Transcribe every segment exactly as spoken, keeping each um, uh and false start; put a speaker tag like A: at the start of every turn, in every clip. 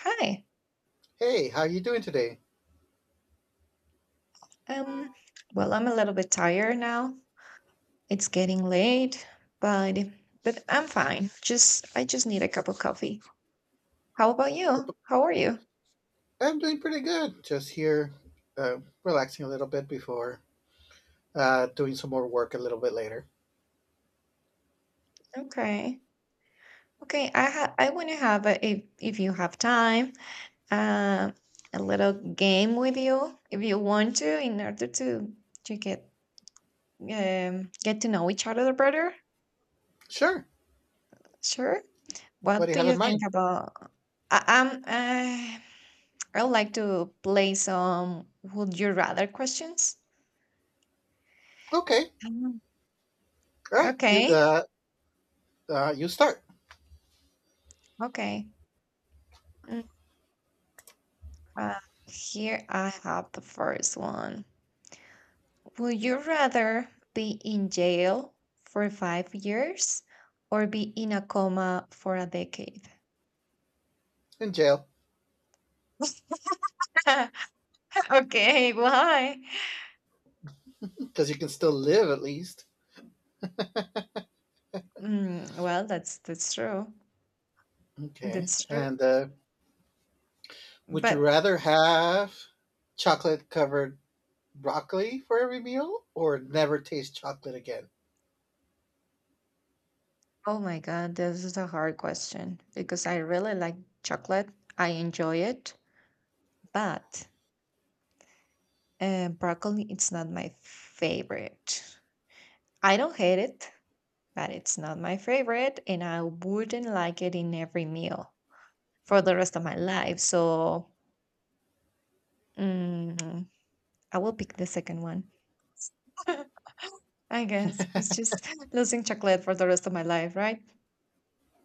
A: Hi.
B: Hey, how you doing today?
A: Um, well, I'm a little bit tired now. It's getting late, but but I'm fine. Just I just need a cup of coffee. How about you? How are you?
B: I'm doing pretty good. Just here, uh, relaxing a little bit before uh, doing some more work a little bit later.
A: Okay. Okay, I ha I want to have a, if if you have time, uh, a little game with you if you want to in order to to get um get to know each other better.
B: Sure.
A: Sure.
B: What
A: What
B: do you
A: do
B: have in
A: you think
B: mind?
A: about? I, I'm uh, I would like to play some would you rather questions.
B: Okay.
A: Um,
B: All right. You
A: Okay,
B: uh, uh, you start
A: okay. Mm, Uh, Here I have the first one. Would you rather be in jail for five years or be in a coma for a decade?
B: in jail
A: Okay, why?
B: because you can still live at least.
A: Mm, well, that's that's true.
B: Okay.
A: That's true.
B: And uh, Would you
A: But,
B: rather have chocolate covered broccoli for every meal or never taste chocolate again?
A: oh my God, this is a hard question because I really like chocolate. I enjoy it, but And broccoli, it's not my favorite. I don't hate it, but it's not my favorite, and I wouldn't like it in every meal for the rest of my life. So, mm, I will pick the second one. I guess it's just losing chocolate for the rest of my life, right?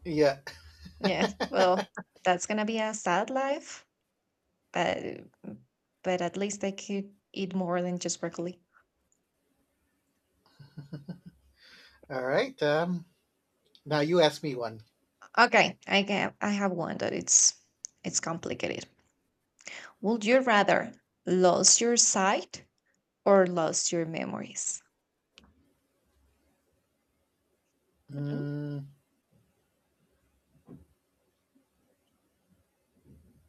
B: Yeah.
A: Yeah. Well, that's gonna be a sad life, but but at least I could eat more than just broccoli.
B: All right. Um, now you ask me one.
A: Okay, I can I have one that it's it's complicated. Would you rather lose your sight or lose your memories? Mhm.
B: Mm,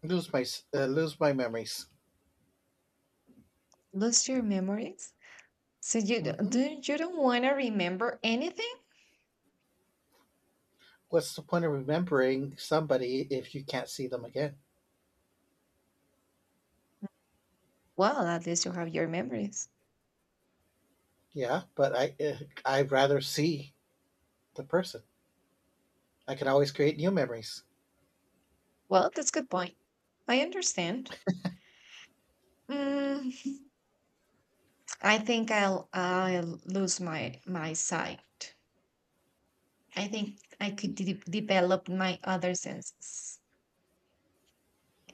B: lose my uh, Lose my memories.
A: Lose your memories? So you d-
B: hmm
A: do you don't want to remember anything?
B: What's the point of remembering somebody if you can't see them again?
A: Well, at least you have your memories.
B: Yeah, but I uh, I'd rather see the person. I can always create new memories.
A: Well, that's good point. I understand. Mm, I think I'll I'll lose my my sight. I think I could de- develop my other senses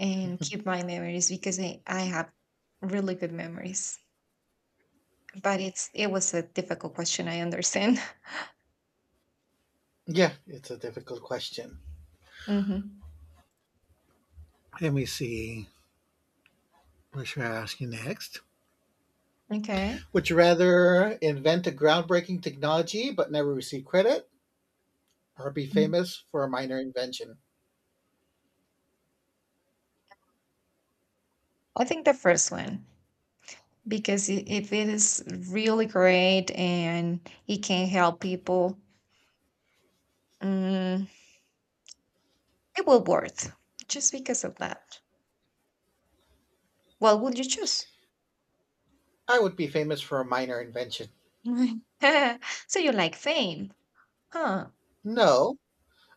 A: and keep my memories because I, I have really good memories. But it's it was a difficult question. I understand.
B: Yeah, it's a difficult question.
A: Mhm.
B: Let me see. What should I ask you next?
A: Okay.
B: Would you rather invent a groundbreaking technology but never receive credit, or be
A: Mm.
B: famous for a minor invention?
A: I think the first one, because i- if it is really great and it can help people, mm, it will worth just because of that. What would you choose?
B: I would be famous for a minor invention.
A: So you like fame, huh?
B: No.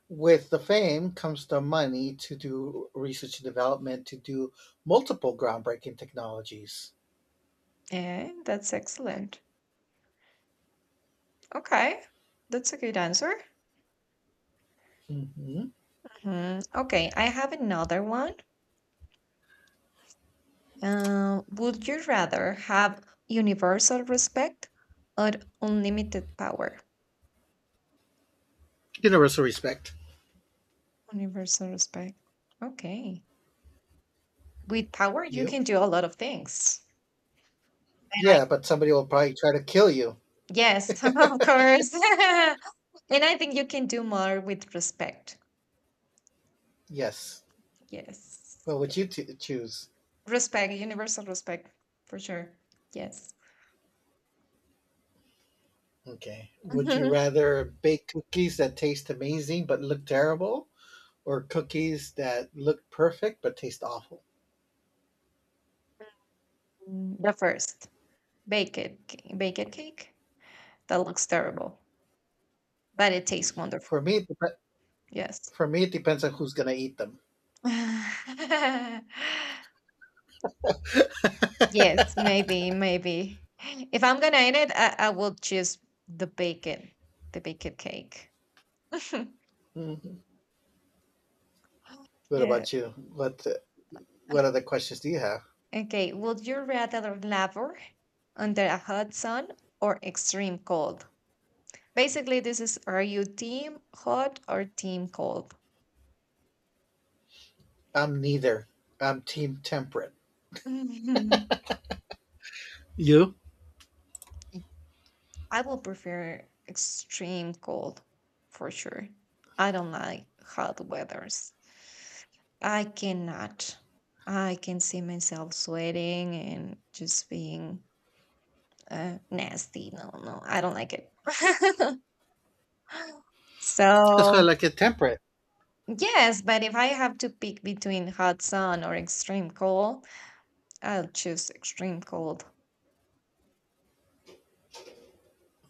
B: With the fame comes the money to do research and development, to do multiple groundbreaking technologies.
A: Yeah, that's excellent. Okay, that's a good answer.
B: hmm
A: Mhm. Okay, I have another one. Uh, would you rather have universal respect or unlimited power?
B: Universal respect.
A: Universal respect. Okay. With power, you
B: You?
A: can do a lot of things. And I,
B: Yeah, but somebody will probably try to kill you.
A: yes, of course. And I think you can do more with respect.
B: Yes.
A: Yes.
B: What would you
A: Yes.
B: t- choose?
A: Respect, universal respect, for sure. Yes.
B: Okay. Would you rather bake cookies that taste amazing but look terrible, or cookies that look perfect but taste awful?
A: Mm, The first, baked ca- baked cake. That looks terrible, but it tastes
B: For
A: wonderful.
B: me, it dep-
A: Yes.
B: for me, it depends on who's gonna eat them.
A: Yes, maybe, maybe. If I'm gonna eat it, I, I will choose the bacon, the bacon cake.
B: What
A: Yeah.
B: about you? What What other questions do you have?
A: Okay. Would you rather labor under a hot sun or extreme cold? Basically, this is are you team hot or team cold?
B: I'm neither. I'm team temperate.
A: Mhm.
B: You?
A: I will prefer extreme cold for sure. I don't like hot weathers. I cannot. I can see myself sweating and just being uh, nasty. No, no, I don't like it.
B: That's why I
A: So,
B: like it temperate.
A: yes, but if I have to pick between hot sun or extreme cold, I'll choose extreme cold.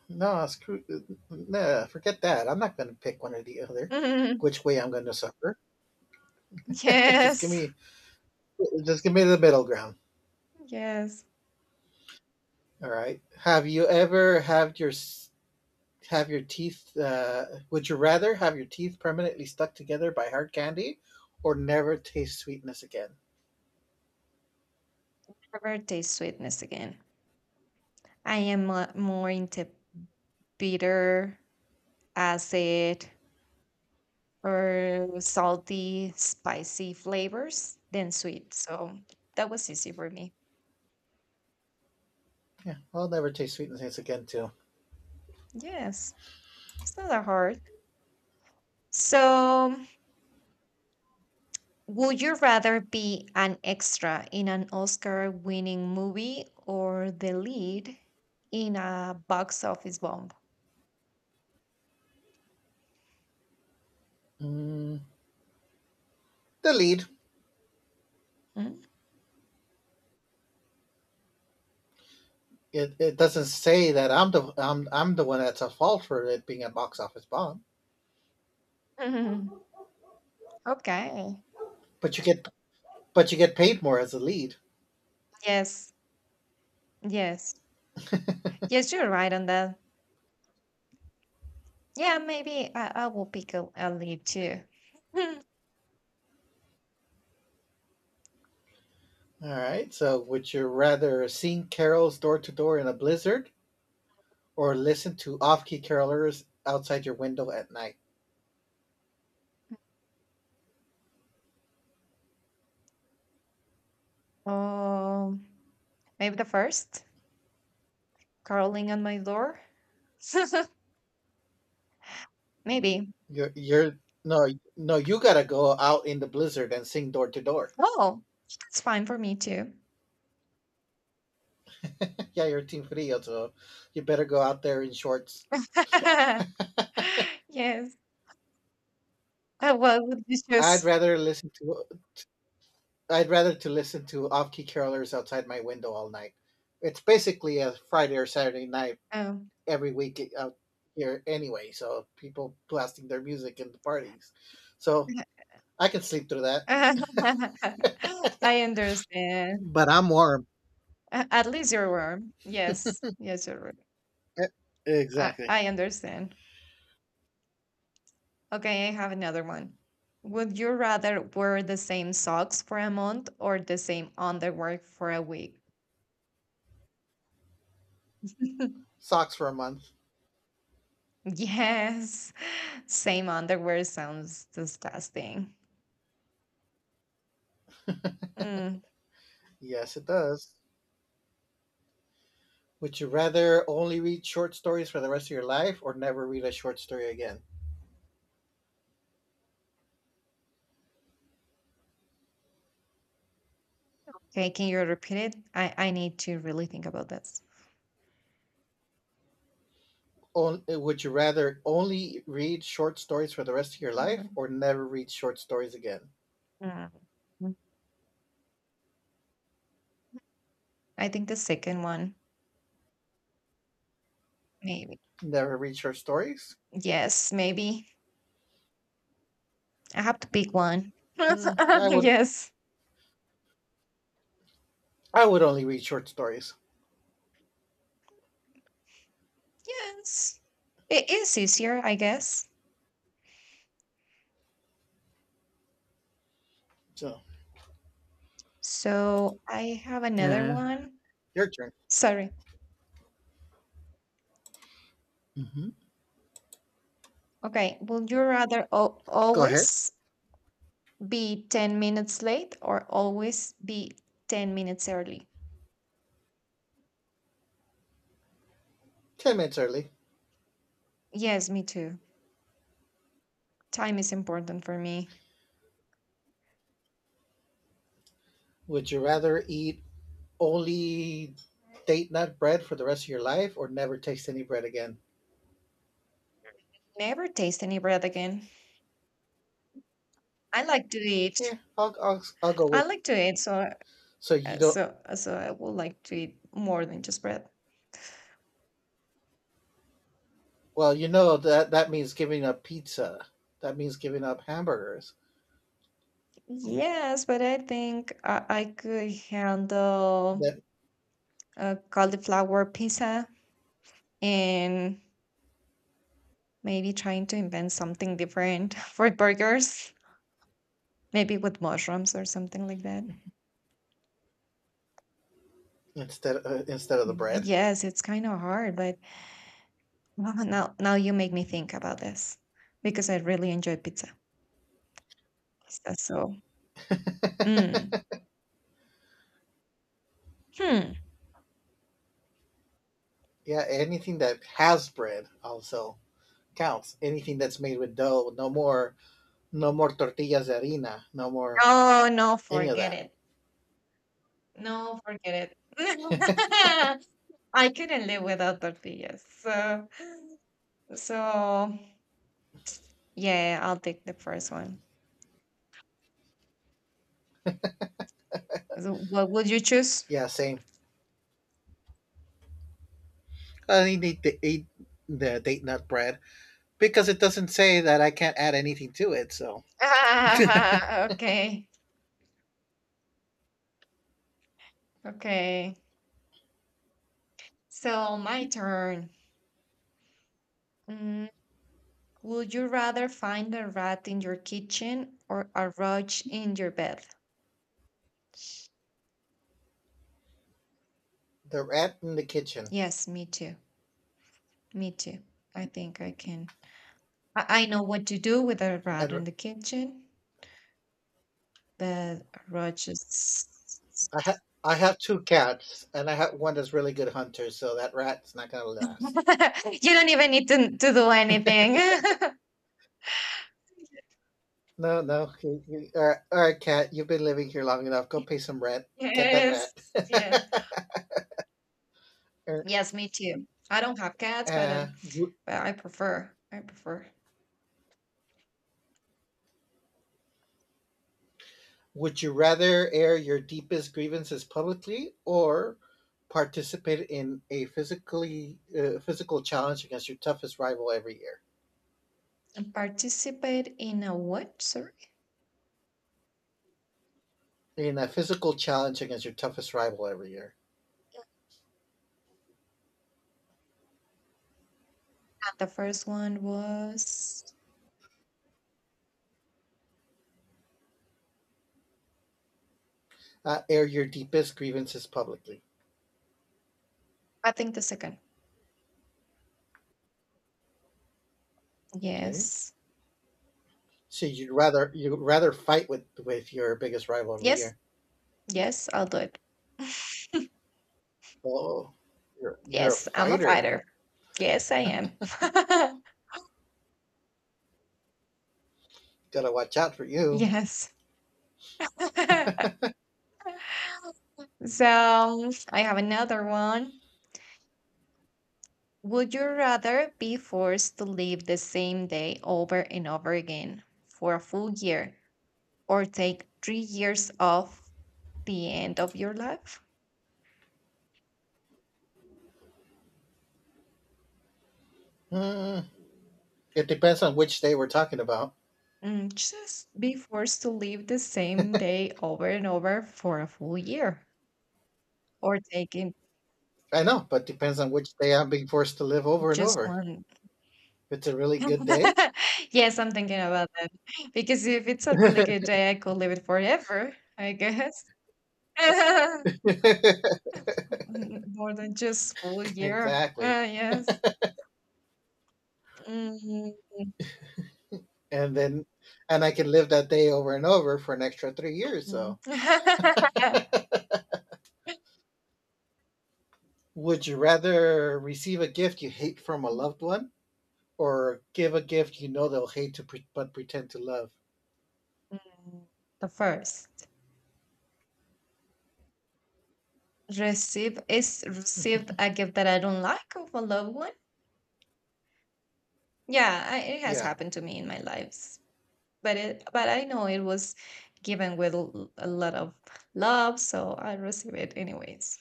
B: No, screw. Nah, forget that. I'm not going to pick one or the other.
A: Yes,
B: Which way I'm going to suffer? just give me, just give me the middle ground.
A: yes.
B: All right. Have you ever had your have your teeth? Uh, would you rather have your teeth permanently stuck together by hard candy, or never taste sweetness again?
A: Never taste sweetness again. I am mo- more into bitter, acid, or salty, spicy flavors than sweet. So that was easy for me.
B: Yeah, I'll never taste sweetness again too.
A: Yes, it's not that hard. So, would you rather be an extra in an Oscar winning movie or the lead in a box office bomb?
B: Mm, the lead.
A: Hmm?
B: it, it doesn't say that I'm the I'm, I'm the one that's at fault for it being a box office bomb.
A: Okay.
B: But you get but you get paid more as a lead.
A: Yes, yes. Yes, you're right on that. Yeah, maybe I, I will pick a, a lead too.
B: All right. So would you rather sing carols door to door in a blizzard or listen to off key carolers outside your window at night?
A: um, Maybe the first. Crawling on my door? Maybe.
B: You're you're no No, you gotta go out in the blizzard and sing door to door.
A: Oh, that's fine for me too.
B: Yeah, you're team frío, so you better go out there in shorts.
A: Yes. Uh, What would you
B: I'd
A: choose?
B: rather listen to I'd rather to listen to off-key carolers outside my window all night. It's basically a Friday or Saturday night
A: Um,
B: every week eh, out here anyway, so people blasting their music in the parties. So I can sleep through that.
A: I understand.
B: But I'm warm.
A: A- At least you're warm. Yes. Yes, you're right.
B: E-
A: I,
B: Exactly.
A: I understand. Okay, I have another one. Would you rather wear the same socks for a month or the same underwear for a week?
B: Socks for a month.
A: Yes, same underwear sounds disgusting. Mm,
B: Yes, it does. Would you rather only read short stories for the rest of your life or never read a short story again?
A: okay, can you repeat it? I I need to really think about this.
B: On, eh, would you rather only read short stories for the rest of your life
A: Mhm.
B: or never read short stories again?
A: Mm, I think the second one, maybe.
B: Never read short stories.
A: Yes, maybe. I have to pick one.
B: Hmm, I would.
A: Yes.
B: I would only read short stories.
A: Yes. It is easier, I guess.
B: So
A: So I have another
B: yeah,
A: one.
B: your turn.
A: Sorry.
B: hmm
A: Okay. Would you rather al
B: Go ahead.
A: always be ten minutes late or always be ten minutes early?
B: Ten minutes early.
A: Yes, me too. Time is important for me.
B: Would you rather eat only date nut bread for the rest of your life, or never taste any bread again?
A: Never taste any bread again. I like to eat.
B: Yeah, I'll I'll, I'll go
A: I
B: with.
A: like to eat, so
B: So you
A: uh,
B: don't.
A: so uh, so I would like to eat more than just bread.
B: Well, you know that that means giving up pizza. That means giving up hamburgers.
A: Yes, but I think I, I could handle
B: That
A: a cauliflower pizza and maybe trying to invent something different for burgers, maybe with mushrooms or something like that.
B: Instead uh, instead of the
A: Mm,
B: bread.
A: yes, it's kind of hard, but wow, now now you make me think about this because I really enjoy pizza. So, mm. Hmm.
B: Yeah, anything that has bread also counts. Anything that's made with dough, no more. No more tortillas de harina. No more
A: Oh, no,
B: any of
A: forget
B: that.
A: it. No, forget it. I couldn't live without tortillas. So, so yeah, I'll take the first one. So what would you choose?
B: Yeah, same. I didn't eat the the date nut bread because it doesn't say that I can't add anything to it. So
A: Ah, okay. Okay. So my turn. Mm, would you rather find a rat in your kitchen or a roach in your bed?
B: the rat in the kitchen,
A: Yes, me too. Me too. I think I can. I, I know what to do with a rat in
B: and
A: the kitchen. Bed, roaches.
B: I ha- I have two cats, and I have one that's really good hunter. So that rat's not gonna last.
A: You don't even need to to do anything.
B: No, no. You, you, all, right, all right, cat. You've been living here long enough. Go pay some rent. Get that
A: Yes,
B: rat.
A: yeah.
B: Er,
A: Yes, me too. I don't have cats, but,
B: uh,
A: um, but I prefer I prefer.
B: Would you rather air your deepest grievances publicly or participate in a physically uh, physical challenge against your toughest rival every year?
A: And participate in a what? Sorry.
B: In a physical challenge against your toughest rival every year,
A: And the first one was?
B: uh, air your deepest grievances publicly.
A: I think the second.
B: Okay,
A: Yes.
B: so you'd rather you'd rather fight with with your biggest rival every
A: Yes,
B: year.
A: yes, I'll do it.
B: Oh, you're you're a
A: Yes, I'm a
B: fighter.
A: fighter. Yes, I am.
B: Gotta watch out for you.
A: Yes. So I have another one. Would you rather be forced to live the same day over and over again for a full year or take three years off the end of your life?
B: Hmm. It depends on which day we're talking about.
A: Mm, just be forced to live the same day over and over for a full year or taking
B: I know, but depends on which day I'm being forced to live over and
A: just
B: over.
A: one.
B: If it's a really good day,
A: Yes, I'm thinking about that because if it's a really good day, I could live it forever, I guess. Mm, More than just full year.
B: exactly.
A: Ah, yes. Mm, mm,
B: And then, and I can live that day over and over for an extra three years. So,
A: Mm,
B: would you rather receive a gift you hate from a loved one or give a gift you know they'll hate to pre- but pretend to love?
A: Mm, The first, receive is received a gift that I don't like of a loved one. Yeah, I, it has
B: Yeah.
A: happened to me in my lives, but it but I know it was given with l- a lot of love, so I receive it anyways.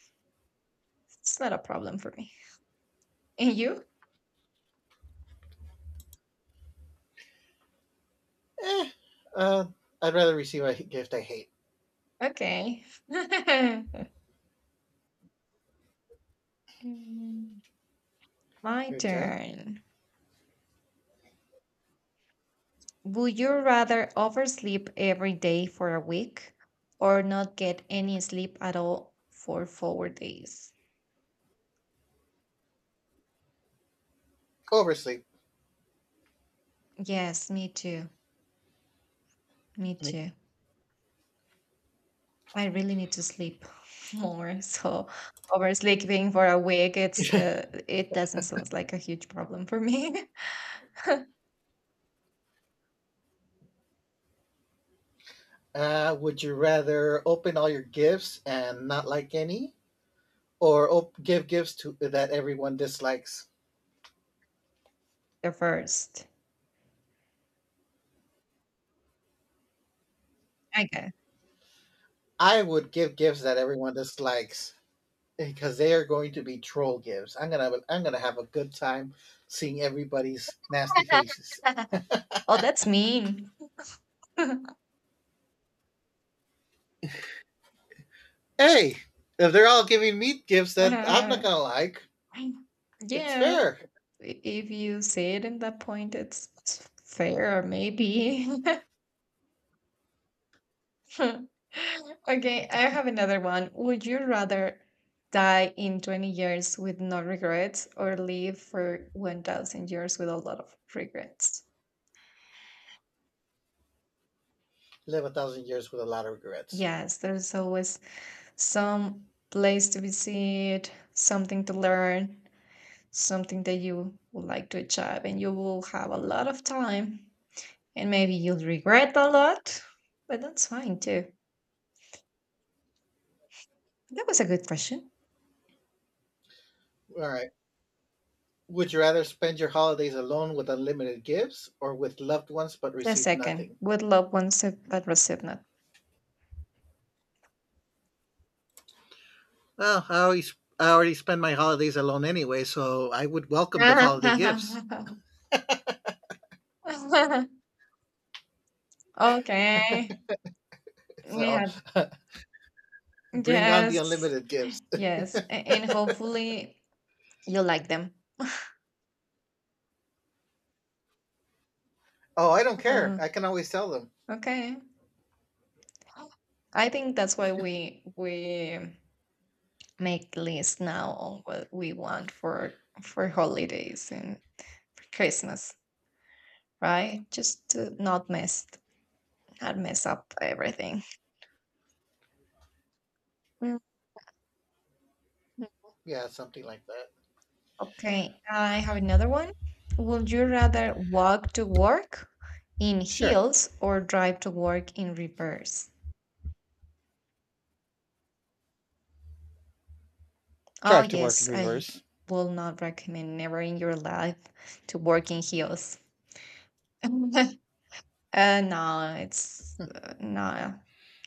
A: It's not a problem for me. And you?
B: Eh, uh, I'd rather receive a gift I hate.
A: Okay. Mm, My
B: Your turn.
A: turn. Would you rather oversleep every day for a week or not get any sleep at all for four days?
B: Oversleep.
A: Yes, me too. Me too. I really need to sleep more. So oversleeping for a week, it's uh, it doesn't sound like a huge problem for me.
B: Uh, would you rather open all your gifts and not like any, or op- give gifts to that everyone dislikes?
A: The first, I guess.
B: I would give gifts that everyone dislikes, because they are going to be troll gives. I'm gonna have a, I'm gonna have a good time seeing everybody's nasty faces.
A: Oh, that's mean.
B: Hey, if they're all giving me gifts that I'm not gonna like, it's
A: Yeah.
B: fair.
A: i- if you say it in that point, it's, it's fair, maybe. Okay, I have another one. Would you rather die in twenty years with no regrets or live for one thousand years with a lot of regrets?
B: Live a thousand years with a lot of regrets.
A: Yes, there's always some place to visit, something to learn, something that you would like to achieve, and you will have a lot of time. And maybe you'll regret a lot, but that's fine too. That was a good question.
B: All right. Would you rather spend your holidays alone with unlimited gifts or with loved ones but
A: The
B: receive
A: second,
B: nothing?
A: would love one sip but receive not.
B: Well, I always I already spend my holidays alone anyway, so I would welcome the holiday gifts.
A: Okay, we
B: So
A: have
B: bring on the
A: yes,
B: unlimited gifts.
A: yes, a- and hopefully you like them.
B: Oh, I don't care.
A: Uh,
B: I can always tell them.
A: okay, I think that's why we we make lists now on what we want for for holidays and for Christmas, right? Just to not mess not mess up everything. Mm-hmm.
B: Yeah, something like that.
A: Okay, I have another one. Would you rather walk to work in
B: Sure.
A: heels or drive to work in reverse? Oh,
B: Drive to work in
A: yes, I
B: reverse.
A: will not recommend never in your life to work in heels. uh, no, it's uh, no,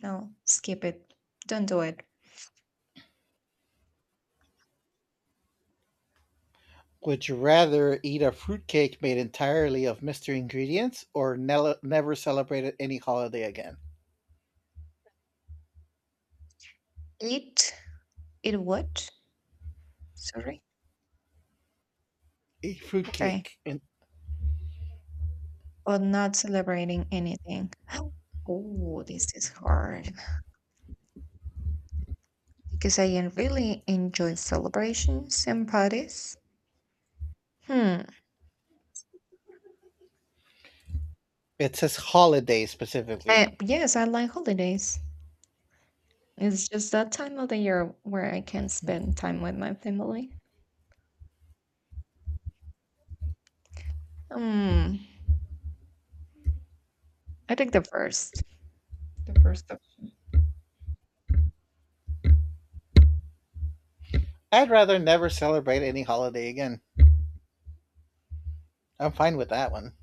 A: no, skip it. Don't do it.
B: Would you rather eat a fruitcake made entirely of mystery ingredients or ne- never celebrate any holiday again?
A: It, it what? Sorry.
B: A
A: Okay,
B: fruitcake. And
A: but not celebrating anything. Oh, this is hard, because I en- really enjoy celebrations and parties. Hmm.
B: it says holiday specifically.
A: Uh, yes, I like holidays. It's just that time of the year where I can spend time with my family. Hmm. I think the first. The first option.
B: I'd rather never celebrate any holiday again. I'm fine with that one.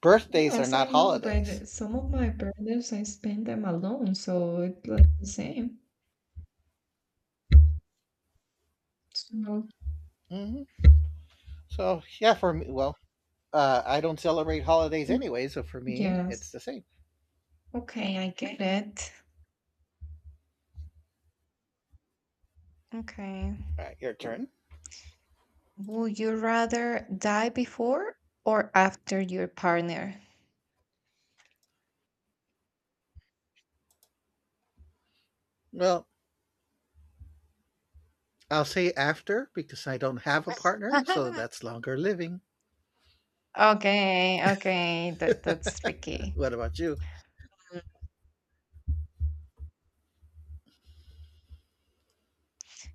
B: Birthdays are
A: Yes, I
B: not
A: know,
B: holidays.
A: but some of my birthdays I spend them alone, so it's like the same. So,
B: hmm So, yeah, for me, well, uh, I don't celebrate holidays
A: mm,
B: anyway, so for me, it's
A: yes.
B: the same.
A: Okay, I get it. Okay.
B: All right, your turn.
A: Would you rather die before or after your partner?
B: Well, I'll say after because I don't have a partner, so that's longer living.
A: Okay, okay, that that's tricky.
B: What about you?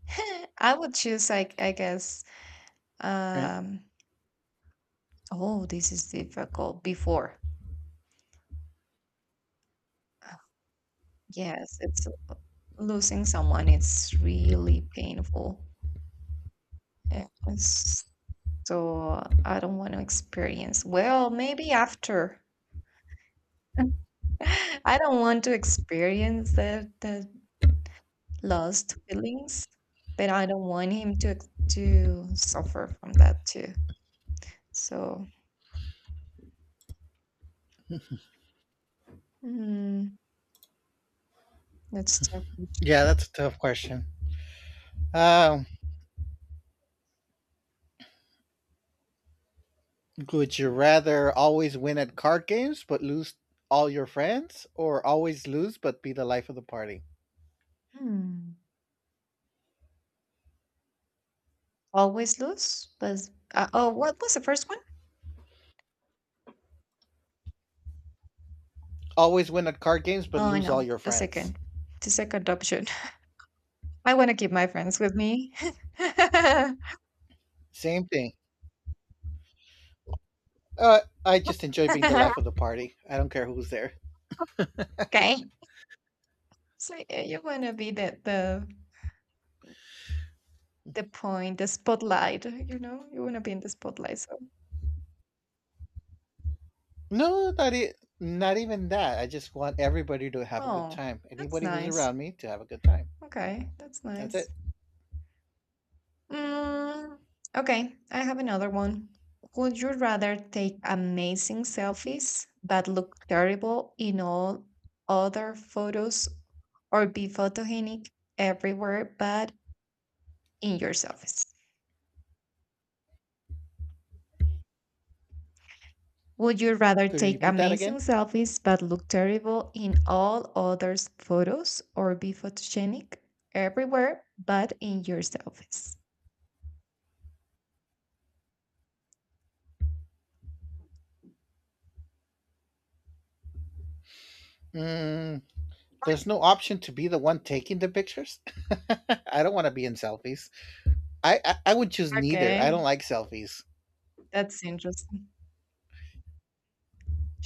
A: I would choose, like, I guess,
B: Right.
A: um oh, this is difficult. Before. Uh, Yes, it's losing someone, it's really painful. Yeah, it's- So I don't want to experience. Well, maybe after. I don't want to experience the the lost feelings, but I don't want him to ex- to suffer from that too. So, mm, let's talk.
B: Yeah, that's a tough question. Um, would you rather always win at card games but lose all your friends, or always lose but be the life of the party?
A: Hmm. Always lose? But uh, oh, what was the first one?
B: Always win at card games but
A: Oh, I
B: lose all
A: know.
B: your
A: The
B: friends.
A: second. The second option. I want to keep my friends with me.
B: Same thing. Uh, I just enjoy being the life of the party. I don't care who's there.
A: Okay. So yeah, you want to be the the the point, the spotlight. You know, you want to be in the spotlight. So,
B: No, not, e- Not even that. I just want everybody to have a good
A: oh,
B: time.
A: that's
B: Anybody who's
A: nice.
B: around me to have a good time.
A: Okay, that's
B: That's
A: nice.
B: it.
A: Mm, okay, I have another one. Would you rather take amazing selfies that look terrible in all other photos or be photogenic everywhere but in your selfies? Would you rather
B: Could you
A: take
B: repeat that
A: amazing
B: again?
A: selfies but look terrible in all others' photos or be photogenic everywhere but in your selfies?
B: Mm, there's no option to be the one taking the pictures. I don't want to be in selfies. I, I I would choose neither. I don't
A: Okay,
B: like selfies,
A: that's interesting.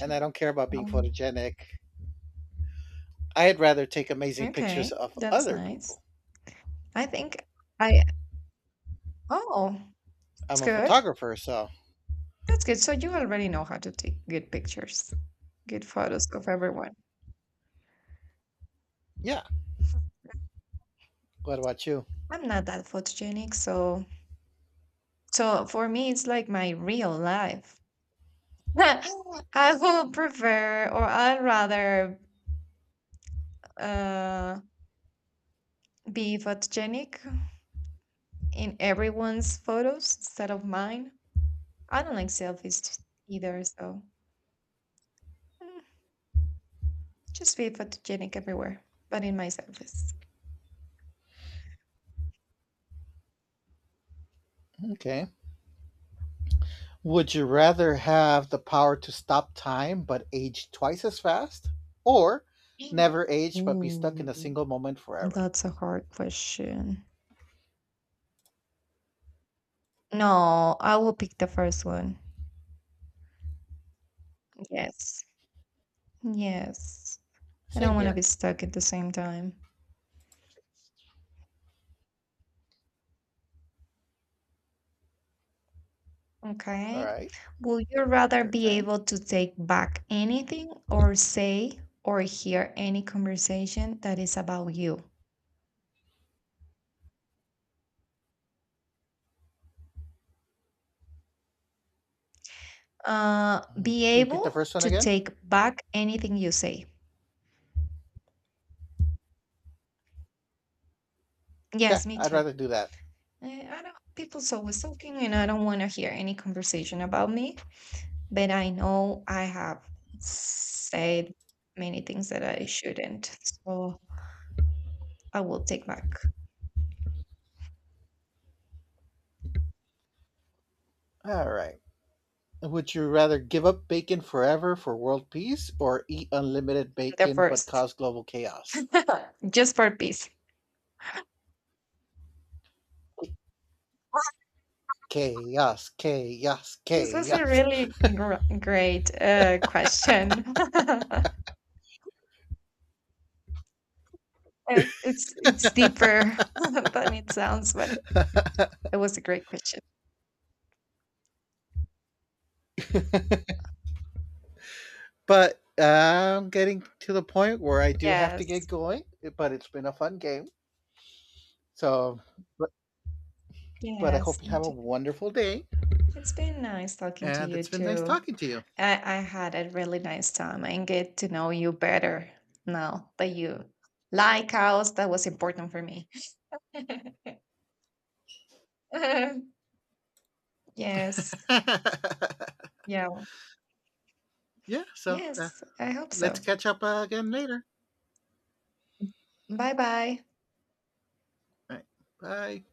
B: and I don't care about being
A: Um,
B: photogenic. I'd rather take amazing pictures
A: okay,
B: of
A: that's
B: other
A: nice.
B: people.
A: I think I Oh, it's
B: I'm a
A: good.
B: photographer, so
A: That's good. So you already know how to take good pictures, good photos of everyone.
B: yeah. What about you?
A: I'm not that photogenic, so so for me it's like my real life. I would prefer or I'd rather uh be photogenic in everyone's photos instead of mine. I don't like selfies either, so mm, just be photogenic everywhere, but in my selfies.
B: Okay. Would you rather have the power to stop time but age twice as fast, or
A: Mm.
B: never age but be stuck in a
A: Ooh.
B: single moment forever?
A: That's a hard question. No, I will pick the first one. Yes. Yes. I
B: Same
A: don't want to be
B: here.
A: stuck at the same time.
B: All
A: Okay.
B: right,
A: Would you rather
B: your
A: be
B: turn.
A: able to take back anything or say or hear any conversation that is about you? Uh,
B: Mhm.
A: be
B: Repeat the
A: able
B: first one
A: to
B: again.
A: take back anything you say.
B: Yeah,
A: Yes, me
B: I'd
A: too.
B: rather do that.
A: Eh, I don't, people's always talking, and I don't want to hear any conversation about me. But I know I have said many things that I shouldn't. So I will take back.
B: All right. Would you rather give up bacon forever for world peace or eat unlimited
A: The
B: bacon but
A: first,
B: cause global chaos?
A: just for peace.
B: Chaos, chaos,
A: This was a
B: chaos.
A: really gr- great uh, question. And it's it's deeper than it sounds, but it was a great question.
B: But I'm getting to the point where I do have to get
A: Yes.
B: going, but it's been a fun game. So, but, but I hope
A: Yes.
B: you
A: Me
B: have a
A: too.
B: wonderful day
A: It's been nice talking to
B: and
A: you
B: it's been nice
A: too.
B: talking to you.
A: I, I had a really nice time and get to know you better now that you like us. That was important for me. Yes. Yeah.
B: Yeah, so uh,
A: Yes. I hope
B: let's
A: so.
B: catch up uh, again later.
A: Bye bye.
B: All right, bye.